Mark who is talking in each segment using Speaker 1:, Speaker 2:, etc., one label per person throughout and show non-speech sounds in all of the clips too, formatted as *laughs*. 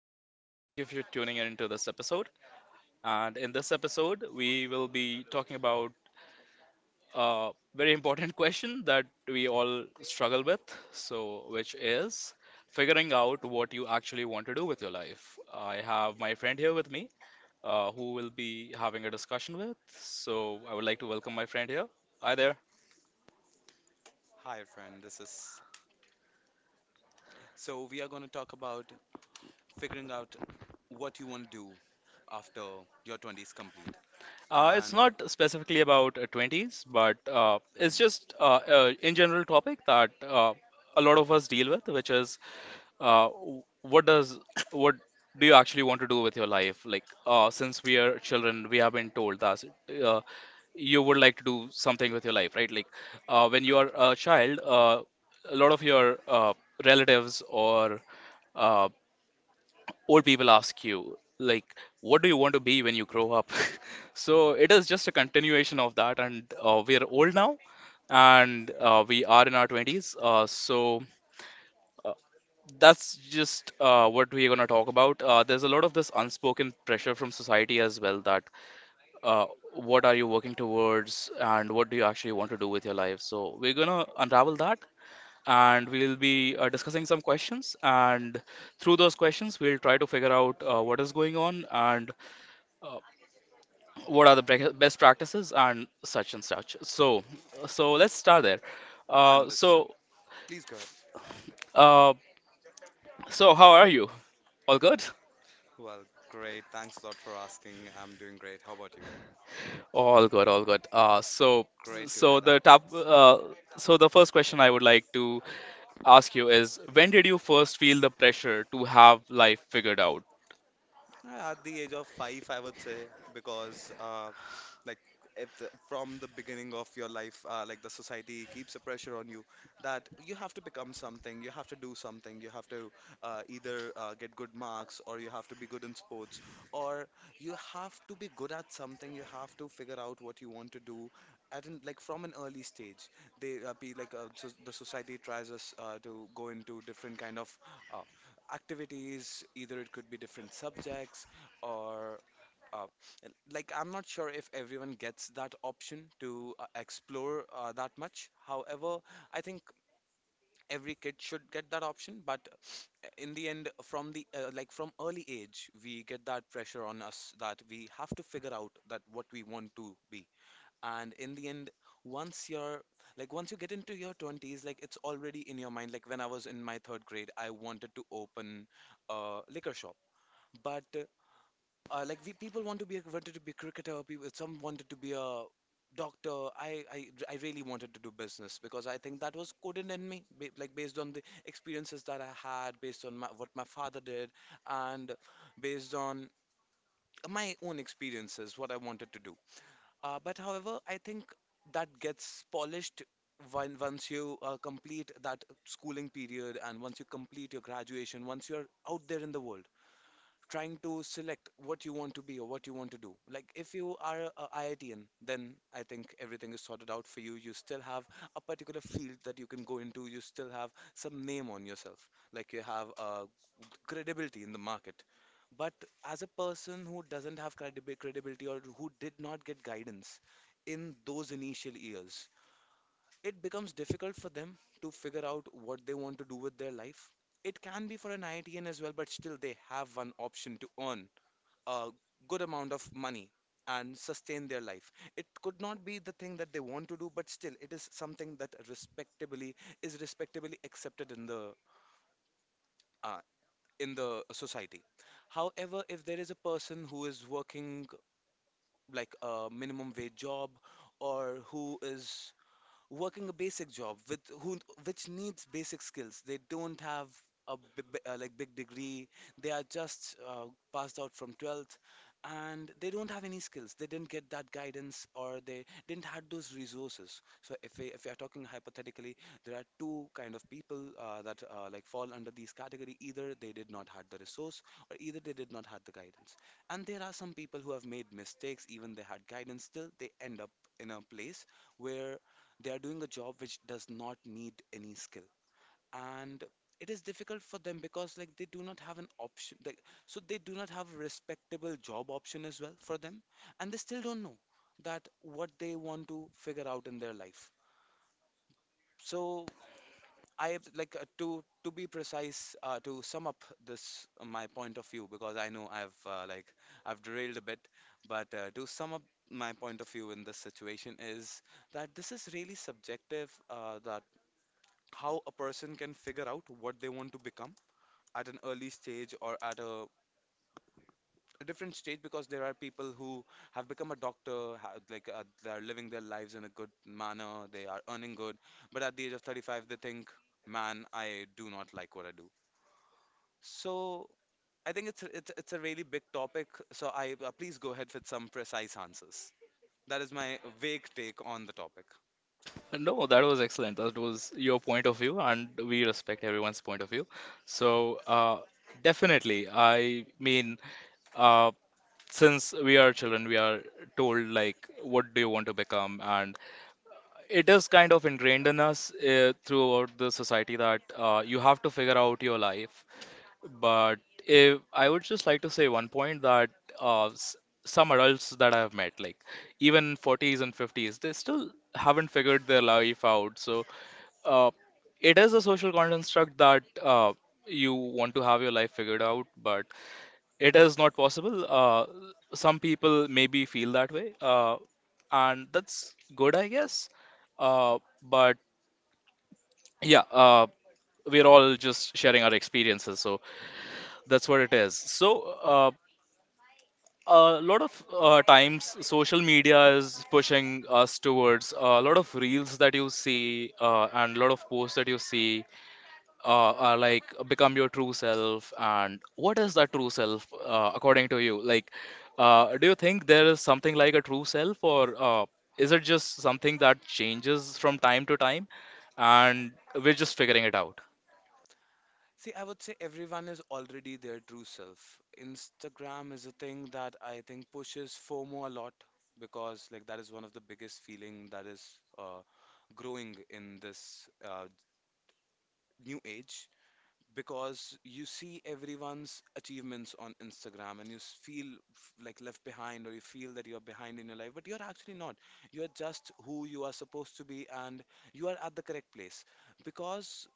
Speaker 1: listeners. Thank you for tuning in to this episode. And in this episode, we will be talking about a very important *laughs* question that we all struggle with. Which is figuring out what you actually want to do with your life. I have my friend here with me, who will be having a discussion with. So, I would like to welcome my friend here. Hi there.
Speaker 2: Hi, friend. This is so we are going to talk about figuring out what you want to do after your 20s complete.
Speaker 1: It's
Speaker 2: And
Speaker 1: not specifically about 20s, but uh, it's
Speaker 2: Mhm.
Speaker 1: just uh, uh, in general topic that a lot of us deal with, which is uh, w- what does what do you actually want to do with your life? Like, since we are children, we have been told that uh, you would like to do something with your life, right? Like, when you are
Speaker 2: Right.
Speaker 1: a child, a lot of your relatives or uh, old people ask you, like, what do you want to be when you grow up? *laughs* So it is just a continuation of that, and we are old now, and we are in our twenties. So that's just what we're going to talk about. There's a lot of this unspoken pressure from society as well that uh, what are you working towards and what do you actually want to do with your life. So we're going to unravel that and we'll be discussing some questions. And through those questions, we'll try to figure out what is going on and uh, what are the best practices and such and such. So let's start there. Uh,
Speaker 2: Understood.
Speaker 1: so,
Speaker 2: Please go ahead.
Speaker 1: uh, so, how are you? All good?
Speaker 2: Well, great. Thanks a lot for asking. I'm doing great. How about you?
Speaker 1: All good, all good. Uh, so,
Speaker 2: Great to
Speaker 1: so
Speaker 2: hear
Speaker 1: the
Speaker 2: that.
Speaker 1: top, so the first question I would like to ask you is, when did you first feel the pressure to have life figured out?
Speaker 2: At the age of five, I would say, because like if the, from the beginning of your life, the society keeps a pressure on you that you have to become something, you have to do something, you have to either get good marks, or you have to be good in sports, or you have to be good at something. You have to figure out what you want to do like from an early stage. They be like so the society tries us to go into different kind of. uh, activities. Either it could be different subjects, or uh, I'm not sure if everyone gets that option to explore that much. However, I think every kid should get that option, but in the end, from the like from early age we get that pressure on us that we have to figure out that what we want to be. And in the end, once you're once you get into your 20s, like, it's already in your mind. Like, when I was in my third grade, I wanted to open a liquor shop. But we people wanted to be a cricketer, people, some wanted to be a doctor. I really wanted to do business, because I think that was coded in me, based on the experiences that I had, based on my, what my father did, and based on my own experiences, what I wanted to do. But however, I think that gets polished when once you complete that schooling period and once you complete your graduation, once you're out there in the world trying to select what you want to be or what you want to do. Like, if you are a IITian, then I think everything is sorted out for you. You still have a particular field that you can go into. You still have some name on yourself. Like, you have credibility in the market. But as a person who doesn't have credibility or who did not get guidance in those initial years, it becomes difficult for them to figure out what they want to do with their life. It can be for an IITian as well, but still they have one option to earn a good amount of money and sustain their life. It could not be the thing that they want to do, but still, it is something that respectably accepted uh, in the society. However, if there is a person who is working like a minimum wage job, or who is working a basic job with who which needs basic skills. They don't have a big degree. They are just passed out from 12th, and they don't have any skills. They didn't get that guidance, or they didn't had those resources. So, if we are talking hypothetically, there are two kind of people that fall under these category. Either they did not had the resource, or either they did not had the guidance. And there are some people who have made mistakes, even they had guidance, still they end up in a place where they are doing a job which does not need any skill. And it is difficult for them, because like they do not have an option, like, so they do not have a respectable job option as well for them, and they still don't know that what they want to figure out in their life. So, I have, like, to be precise, to sum up this my point of view, because I know I've derailed a bit, but to sum up my point of view in this situation is that this is really subjective, the how a person can figure out what they want to become at an early stage or at a different stage, because there are people who have become a doctor, they are living their lives in a good manner, they are earning good, but at the age of 35 they think, man, I do not like what I do. So, I think it's a really big topic, so I please go ahead with some precise answers. That is my vague take on the topic.
Speaker 1: No, that was excellent. That was your point of view, and we respect everyone's point of view. So, uh, Definitely, I mean, uh, since we are children, we are told like, what do you want to become, and it is kind of ingrained in us throughout the society that you have to figure out your life. But if I would just like to say one point, that uh, s- some adults that I have met, like even 40s and 50s, they still haven't figured their life out. So uh, it is a social construct that you want to have your life figured out, but it is not possible. Some people maybe feel that way, and that's good, I guess. But yeah, we're all just sharing our experiences, so that's what it is. So a lot of times social media is pushing us towards a lot of reels that you see and a lot of posts that you see are like become your true self, and what is that true self according to you. Like, do you think there is something like a true self, or is it just something that changes from time to time, and we're just figuring it out?
Speaker 2: See, I would say everyone is already their true self. Instagram is a thing that I think pushes FOMO a lot, because like that is one of the biggest feeling that is uh, growing in this new age, because you see everyone's achievements on Instagram and you feel left behind, or you feel that you're behind in your life, but you're actually not. You're just who you are supposed to be, and you are at the correct place, because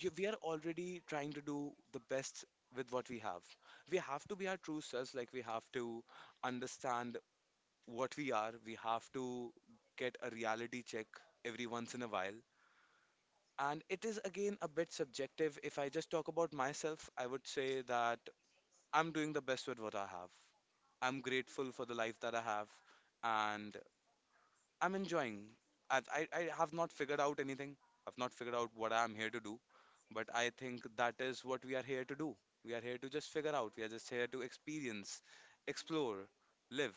Speaker 2: we are already trying to do the best with what we have. We have to be our true selves, like we have to understand what we are. We have to get a reality check every once in a while. And it is again a bit subjective. If I just talk about myself, I would say that I'm doing the best with what I have. I'm grateful for the life that I have, and I'm enjoying. I have not figured out anything. I've not figured out what I'm here to do. But I think that is what we are here to do. We are here to just figure out. We are just here to experience, explore, live.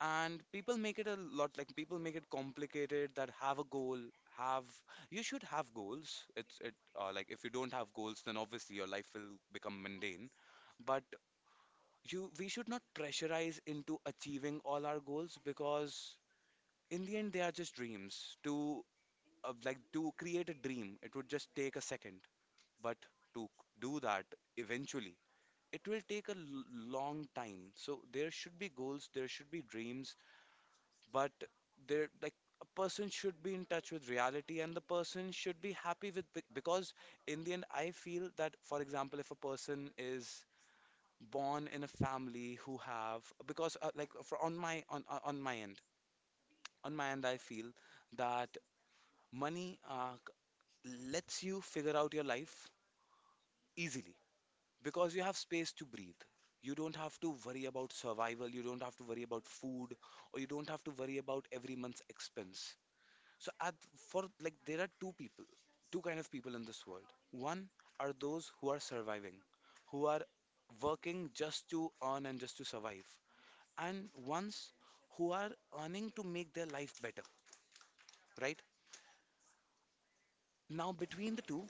Speaker 2: And people make it a lot, like people make it complicated that have a goal, have you should have goals. It's it like If you don't have goals, then obviously your life will become mundane. But you we should not pressurize into achieving all our goals, because in the end they are just dreams. To to create a dream it would just take a second, but to do that eventually it will take a long time. So there should be goals, there should be dreams, but there, like, a person should be in touch with reality, and the person should be happy with, because in the end I feel that, for example, if a person is born in a family who have, because like for on my end on my end, I feel that money lets you figure out your life easily, because you have space to breathe. You don't have to worry about survival, you don't have to worry about food, or you don't have to worry about every month's expense. So, there are two people, two kind of people in this world. One are those who are surviving, who are working just to earn and just to survive, and ones who are earning to make their life better, right? Now, between the two,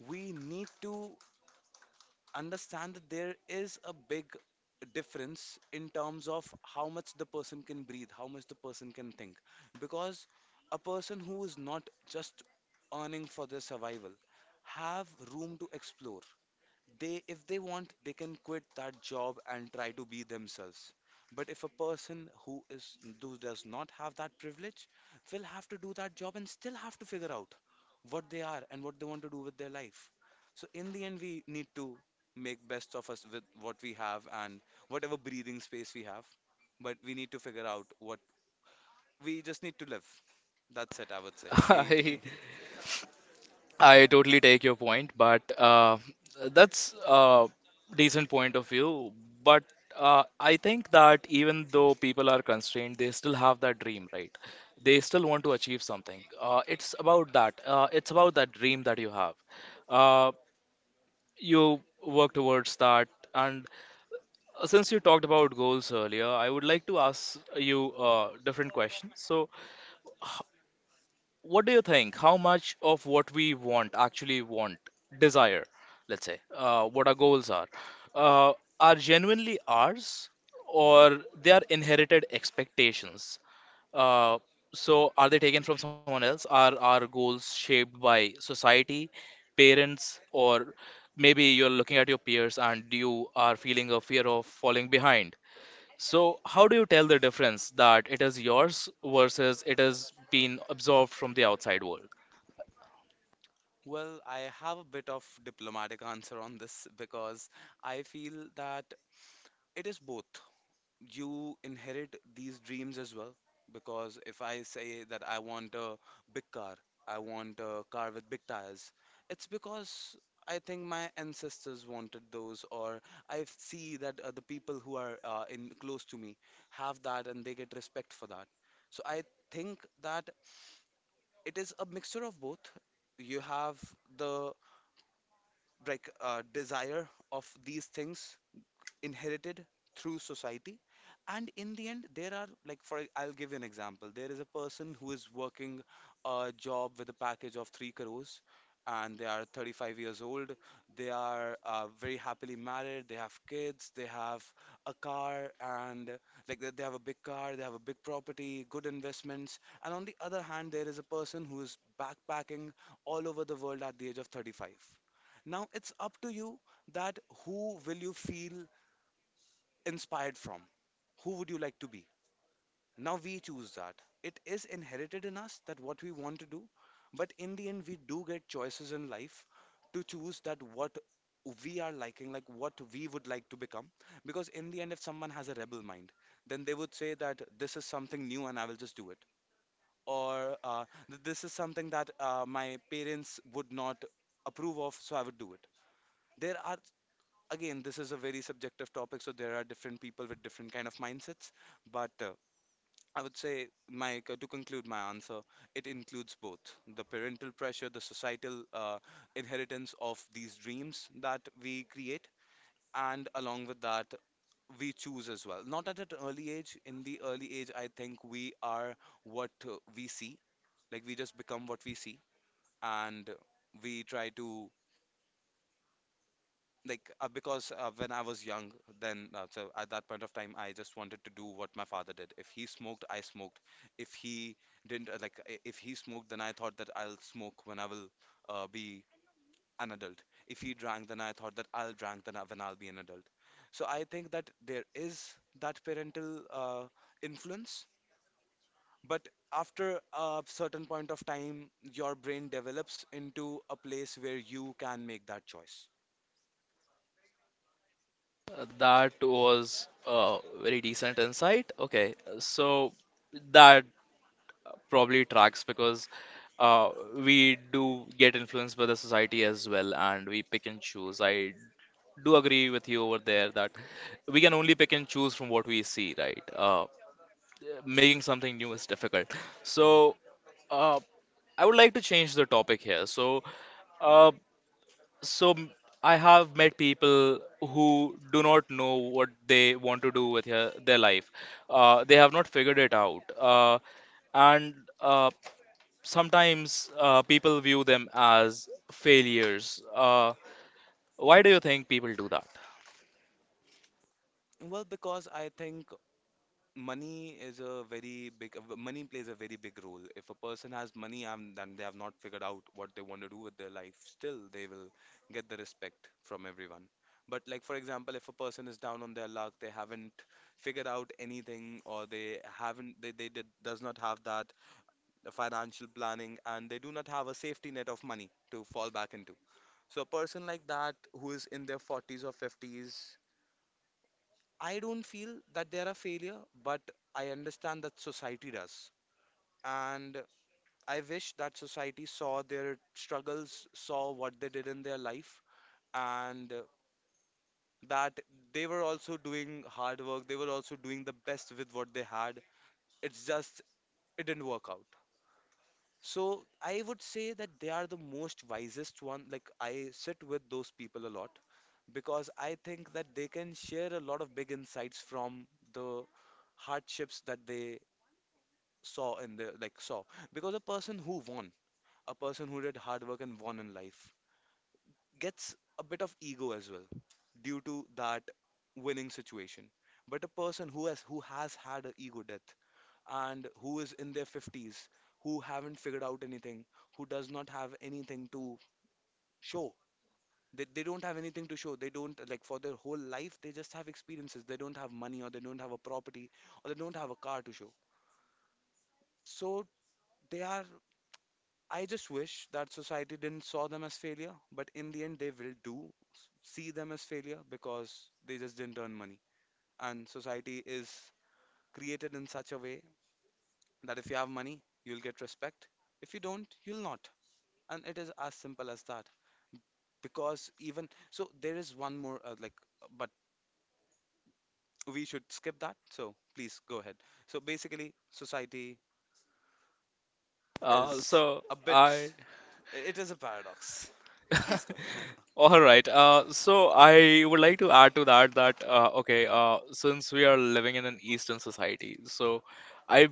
Speaker 2: we need to understand that there is a big difference in terms of how much the person can breathe, how much the person can think. Because a person who is not just earning for their survival have room to explore. They, if they want, they can quit that job and try to be themselves. But if a person who is who does not have that privilege will have to do that job and still have to figure out what they are and what they want to do with their life. So in the end, we need to make best of us with what we have and whatever breathing space we have. But we need to figure out what we just need to live. That's it, I would say.
Speaker 1: *laughs*
Speaker 2: We
Speaker 1: I
Speaker 2: *laughs*
Speaker 1: I totally take your point, but that's a decent point of view. But I think that even though people are constrained, they still have that dream, right? They still want to achieve something. It's about that. It's about that dream that you have. Uh, you work towards that. And since you talked about goals earlier, I would like to ask you a different question. So, what do you think? How much of what we want actually want, desire, let's say, what our goals uh, are genuinely ours, or they are inherited expectations? Uh, are they taken from someone else? Are our goals shaped by society, parents, or maybe you're looking at your peers and you are feeling a fear of falling behind? So, how do you tell the difference that it is yours versus it has been absorbed from the outside world?
Speaker 2: Well, I have a bit of diplomatic answer on this, because I feel that it is both. You inherit these dreams as well, because if I say that I want a big car, I want a car with big tires, it's because I think my ancestors wanted those, or I see that the people who are in close to me have that and they get respect for that. So I think that it is a mixture of both. You have the desire of these things inherited through society. And in the end, there are like, for I'll give you an example. There is a person who is working a job with a package of 3 crores and they are 35 years old. They are very happily married, they have kids, they have a car, and they have a big car, they have a big property, good investments. And on the other hand, there is a person who is backpacking all over the world at the age of 35. Now it's up to you that who will you feel inspired from? Who would you like to be? Now we choose that. It is inherited in us that what we want to do, but in the end, we do get choices in life to choose that what we are liking, like what we would like to become. Because in the end, if someone has a rebel mind, then they would say that this is something new and I will just do it. Or This is something that my parents would not approve of, so I would do it." There are, again, this is a very subjective topic, so there are different people with different kind of mindsets, but I would say, my to conclude my answer, it includes both the parental pressure, the societal inheritance of these dreams that we create, and along with that, we choose as well. Not at an early age. In the early age, I think we are what we see, like we just become what we see. And we try to because when I was young, then so at that point of time, I just wanted to do what my father did. If he smoked, I smoked. If he didn't, if he smoked, then I thought that I'll smoke when I will be an adult. If he drank, then I thought that I'll drink then when I'll be an adult. So I think that there is that parental influence, but after a certain point of time, your brain develops into a place where you can make that choice.
Speaker 1: That was a very decent insight. Okay, so that probably tracks because we do get influenced by the society as well, and we pick and choose. I do agree with you over there that we can only pick and choose from what we see, right? Making something new is difficult. So, uh, I would like to change the topic here. Uh, so, I have met people who do not know what they want to do with their life. They have not figured it out. And uh, sometimes people view them as failures. Why do you think people do that?
Speaker 2: Well, because I think money plays a very big role. If a person has money and then they have not figured out what they want to do with their life, still they will get the respect from everyone. But like, for example, if a person is down on their luck, they haven't figured out anything, or they does not have that financial planning, and they do not have a safety net of money to fall back into. So a person like that who is in their 40s or 50s, I don't feel that they're a failure, but I understand that society does. And I wish that society saw their struggles, saw what they did in their life, and that they were also doing hard work, they were also doing the best with what they had. It's just, it didn't work out. So I would say that they are the most wisest one. Like, I sit with those people a lot because I think that they can share a lot of big insights from the hardships that they saw in the like saw. Because a person who won, a person who did hard work and won in life, gets a bit of ego as well due to that winning situation. But a person who has had an ego death and who is in their 50s, who haven't figured out anything, who does not have anything to show, they don't have anything to show, they don't like, for their whole life they just have experiences, they don't have money, or they don't have a property, or they don't have a car to show. So they are, I just wish that society didn't saw them as failure, but in the end they will do see them as failure because they just didn't earn money. And society is created in such a way that if you have money, you'll get respect. If you don't, you'll not. And it is as simple as that. Because even so, there is one more but we should skip that. So please go ahead. So basically, society is
Speaker 1: So
Speaker 2: a
Speaker 1: I
Speaker 2: bit. It is a paradox. *laughs* Please go ahead. *laughs*
Speaker 1: All right. So I would like to add to that that okay, since we are living in an Eastern society, so I,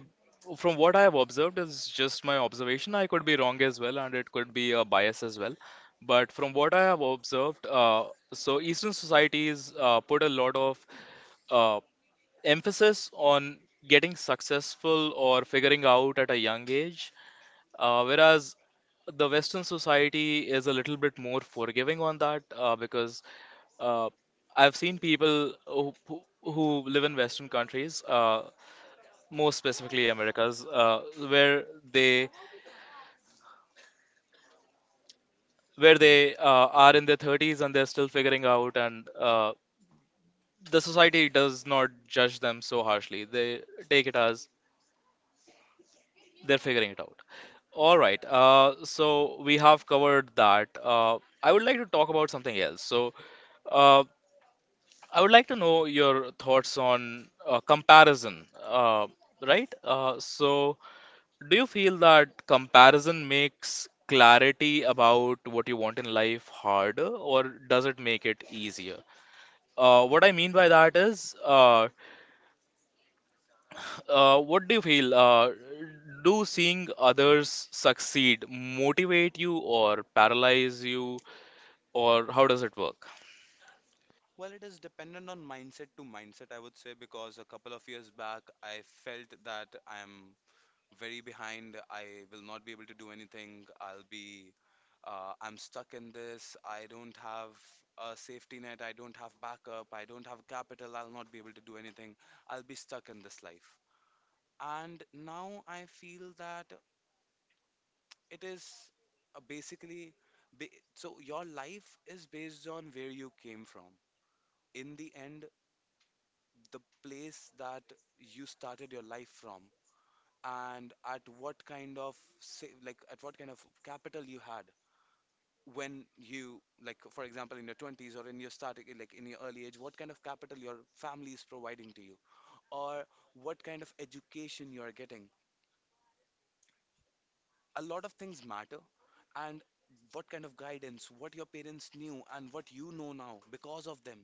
Speaker 1: from what I have observed, is just my observation. I could be wrong as well, and it could be a bias as well. But from what I have observed, so Eastern societies put a lot of uh, emphasis on getting successful or figuring out at a young age, whereas the Western society is a little bit more forgiving on that because uh, I've seen people who live in Western countries, more specifically Americas, where they where they uh, are in their 30s and they're still figuring out, and the society does not judge them so harshly. They take it as they're figuring it out. All right, so we have covered that. I would like to talk about something else. So uh, I would like to know your thoughts on comparison, right? So, do you feel that comparison makes clarity about what you want in life harder, or does it make it easier? What I mean by that is, what do you feel? Do seeing others succeed motivate you or paralyze you, or how does it work?
Speaker 2: Well, it is dependent on mindset to mindset, I would say, because a couple of years back, I felt that I'm very behind. I will not be able to do anything. I'm stuck in this. I don't have a safety net. I don't have backup. I don't have capital. I'll not be able to do anything. I'll be stuck in this life. And now I feel that it is basically, ba- so your life is based on where you came from. In the end, the place that you started your life from, and at what kind of capital you had when you, like for example in your 20s, or in your starting, like in your early age, what kind of capital your family is providing to you, or what kind of education you are getting, a lot of things matter. And what kind of guidance, what your parents knew and what you know now because of them.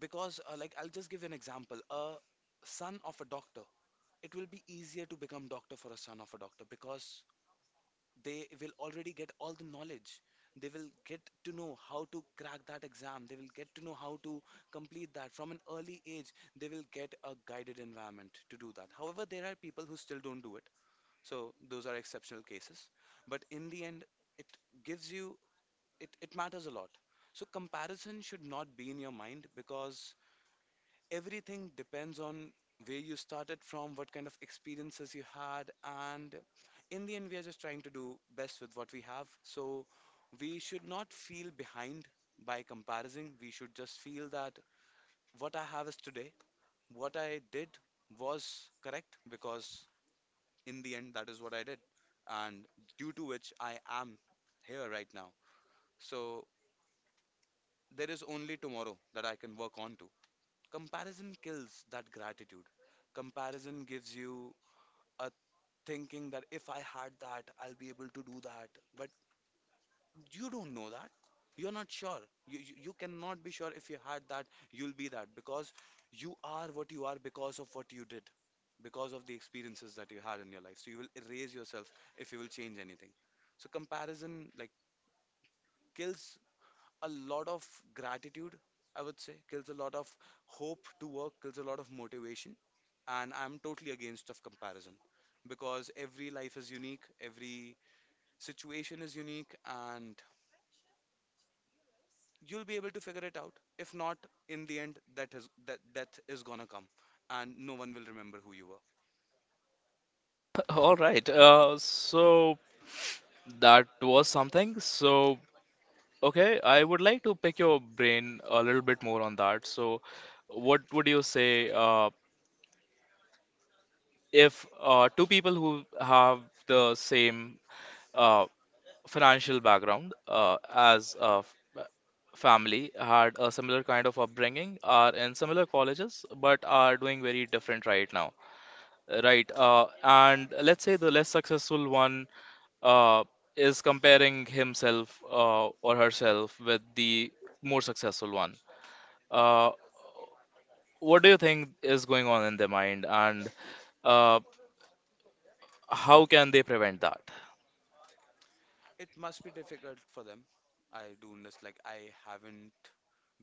Speaker 2: Because I'll just give you an example. A son of a doctor, it will be easier to become doctor for a son of a doctor, because they will already get all the knowledge, they will get to know how to crack that exam, they will get to know how to complete that. From an early age they will get a guided environment to do that. However, there are people who still don't do it. So those are exceptional cases. But in the end, it gives you it, it matters a lot. So comparison should not be in your mind, because everything depends on where you started from, what kind of experiences you had, and in the end, we are just trying to do best with what we have. So we should not feel behind by comparison. We should just feel that what I have is today, what I did was correct, because in the end, that is what I did, and due to which I am here right now. So there is only tomorrow that I can work on to. Comparison kills that gratitude. Comparison gives you a thinking that if I had that, I'll be able to do that. But you don't know that. You're not sure. You cannot be sure if you had that, you'll be that, because you are what you are because of what you did, because of the experiences that you had in your life. So you will erase yourself if you will change anything. So comparison kills a lot of gratitude, I would say, kills a lot of hope to work, kills a lot of motivation. And I'm totally against of comparison, because every life is unique, every situation is unique, and you'll be able to figure it out. If not, in the end, that is that death is gonna come, and no one will remember who you were.
Speaker 1: *laughs* All right. So that was something. So, okay, I would like to pick your brain a little bit more on that. So, what would you say? If two people who have the same uh, financial background as a family, had a similar kind of upbringing, are in similar colleges, but are doing very different right now, right? And let's say the less successful one uh, is comparing himself or herself with the more successful one. uh, what do you think is going on in their mind, and uh, how can they prevent that?
Speaker 2: It must be difficult for them. I do this like I haven't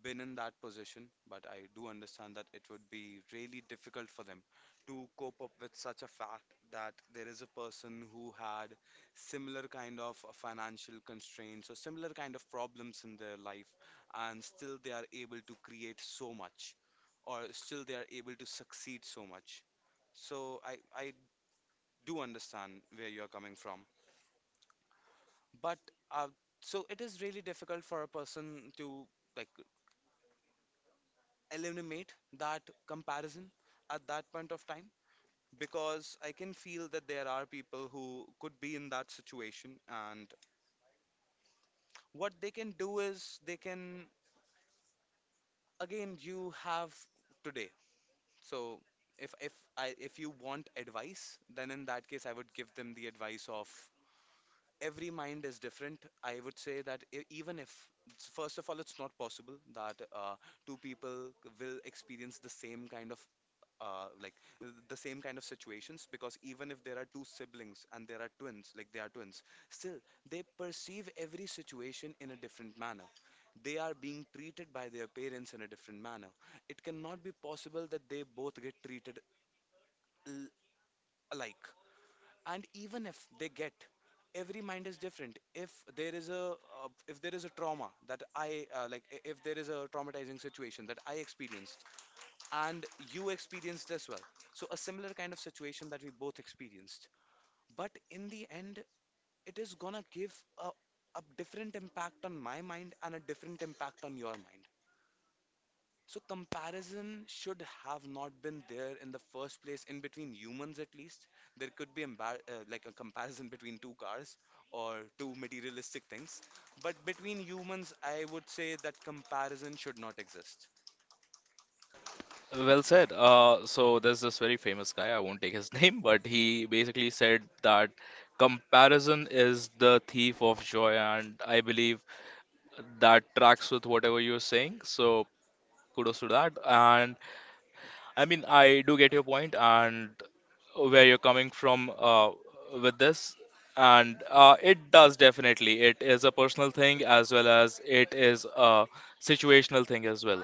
Speaker 2: been in that position, but I do understand that it would be really difficult for them to cope up with such a fact that there is a person who had similar kind of financial constraints or similar kind of problems in their life, and still they are able to create so much, or still they are able to succeed so much. So I do understand where you're coming from. But uh, so it is really difficult for a person to like eliminate that comparison at that point of time, because I can feel that there are people who could be in that situation, and what they can do is they can, again, you have today. So if you want advice, then in that case I would give them the advice of every mind is different. I would say that even if, first of all, it's not possible that two people will experience the same kind of uh, like the same kind of situations. Because even if there are two siblings and there are twins, like they are twins, still they perceive every situation in a different manner. They are being treated by their parents in a different manner. It cannot be possible that they both get treated l- alike. And even if they get, every mind is different. If there is a if there is a trauma that if there is a traumatizing situation that I experience, and you experienced as well. So, a similar kind of situation that we both experienced. But in the end, it is gonna give a, a different impact on my mind and a different impact on your mind. So, comparison should have not been there in the first place, in between humans at least. There could be like a comparison *laughs* between two cars or two materialistic things. But between humans, I would say that comparison should not exist.
Speaker 1: Well said. So there's this very famous guy, I won't take his *laughs* name, but he basically said that comparison is the thief of joy, and I believe that tracks with whatever you're saying. So kudos to that. And I mean, I do get your point and where you're coming from with this. And it does definitely. It is a personal thing as well as it is a situational thing as well.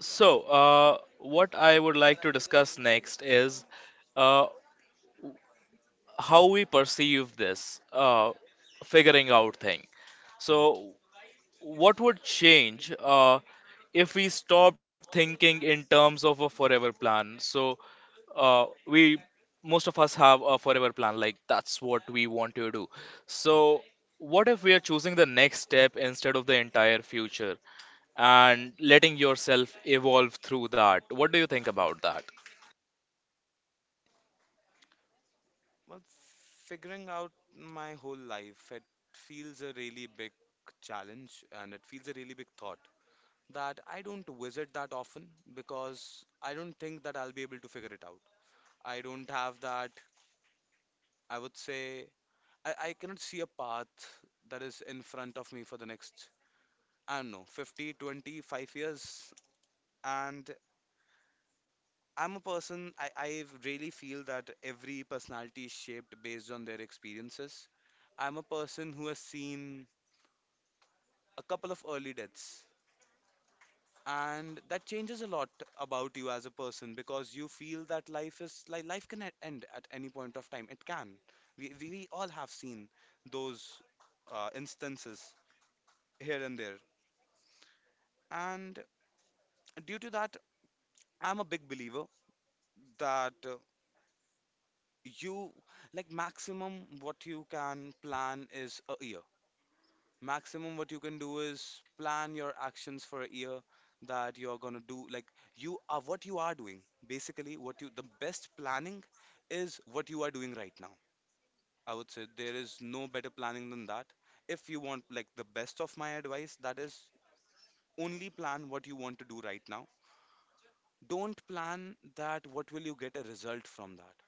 Speaker 1: So, what I would like to discuss next is uh, how we perceive this figuring out thing. So, what would change if we stopped thinking in terms of a forever plan? We most of us have a forever plan, like that's what we want to do. So, what if we are choosing the next step instead of the entire future, and letting yourself evolve through that? What do you think about that?
Speaker 2: Well, figuring out my whole life, it feels a really big challenge and it feels a really big thought that I don't visit that often because I don't think that I'll be able to figure it out. I don't have that, I would say, I cannot see a path that is in front of me for the next, I don't know, 50, 20, 5 years. And I'm a person, I really feel that every personality is shaped based on their experiences. I'm a person who has seen a couple of early deaths. And that changes a lot about you as a person because you feel that life is like life can end at any point of time. It can. We all have seen those instances here and there. And due to that, I'm a big believer that you like maximum what you can plan is a year. Maximum what you can do is plan your actions for a year that you're going to do, like you are what you are doing. Basically what you, the best planning is what you are doing right now. I would say there is no better planning than that. If you want, like, the best of my advice, that is only plan what you want to do right now. Don't plan that what will you get a result from that.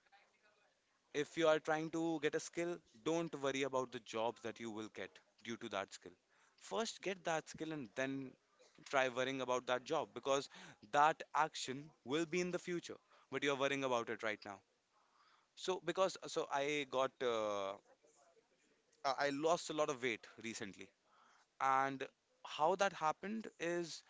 Speaker 2: If you are trying to get a skill, don't worry about the jobs that you will get due to that skill. First, get that skill and then try worrying about that job, because that action will be in the future, but you're worrying about it right now. So, because so I got I lost a lot of weight recently, and how that happened is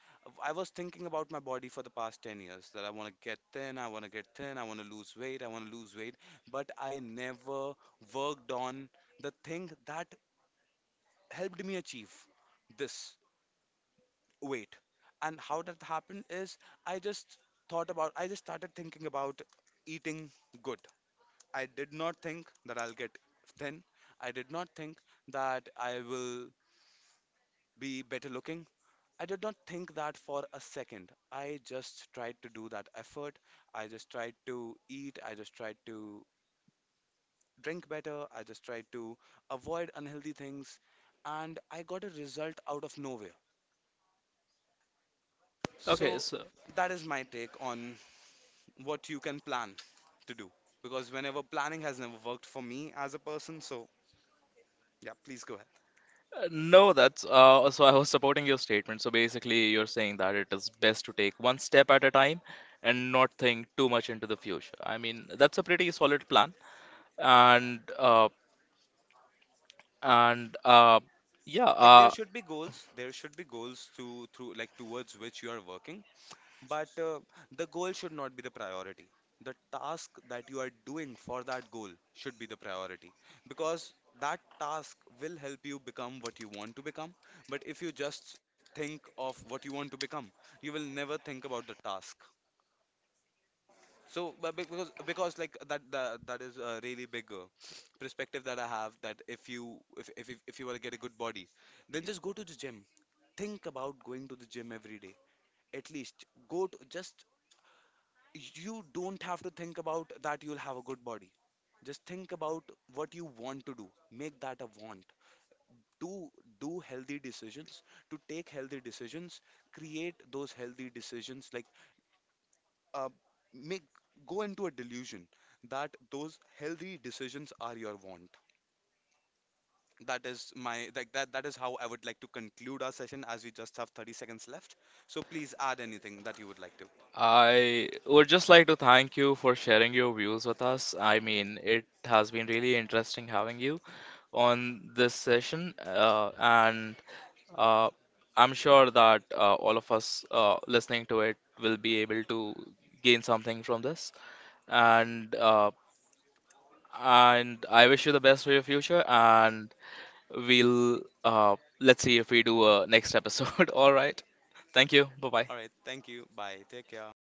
Speaker 2: I was thinking about my body for the past 10 years that I want to get thin, I want to get thin, I want to lose weight, I want to lose weight, but I never worked on the thing that helped me achieve this weight. And how that happened is I just thought about, I just started thinking about eating good. I did not think that I'll get thin. I did not think that I will be better looking. I did not think that for a second. I just tried to do that effort. I just tried to eat. I just tried to drink better. I just tried to avoid unhealthy things. And I got a result out of nowhere.
Speaker 1: Okay,
Speaker 2: So
Speaker 1: so
Speaker 2: that is my take on what you can plan to do. Because whenever planning has never worked for me as a person, so yeah, please go ahead.
Speaker 1: uh, no, that's so I was supporting your statement. So basically, you're saying that it is best to take one step at a time and not think too much into the future. I mean, that's a pretty solid plan. And uh, and uh, yeah,
Speaker 2: Like there
Speaker 1: uh,
Speaker 2: should be goals. There should be goals to through, like, towards which you are working. But the goal should not be the priority. The task that you are doing for that goal should be the priority, because that task will help you become what you want to become. But if you just think of what you want to become, you will never think about the task. So but because like that is a really big perspective that I have, that if if you want to get a good body, then just go to the gym, think about going to the gym every day. At least go to, just, you don't have to think about that you'll have a good body. Just think about what you want to do. Make that a want. To do healthy decisions, to take healthy decisions, create those healthy decisions. Like, uh, make, go into a delusion that those healthy decisions are your want. That is my like That is how I would like to conclude our session, as we just have 30 seconds left. So please add anything that you would like to.
Speaker 1: I would just like to thank you for sharing your views with us. I mean, it has been really interesting having you on this session, and Uh, I'm sure that all of us listening to it will be able to gain something from this. And uh, and I wish you the best for your future. And we'll let's see if we do a next episode. *laughs* All right. Thank you. Bye bye.
Speaker 2: All right, thank you. Bye. Take care.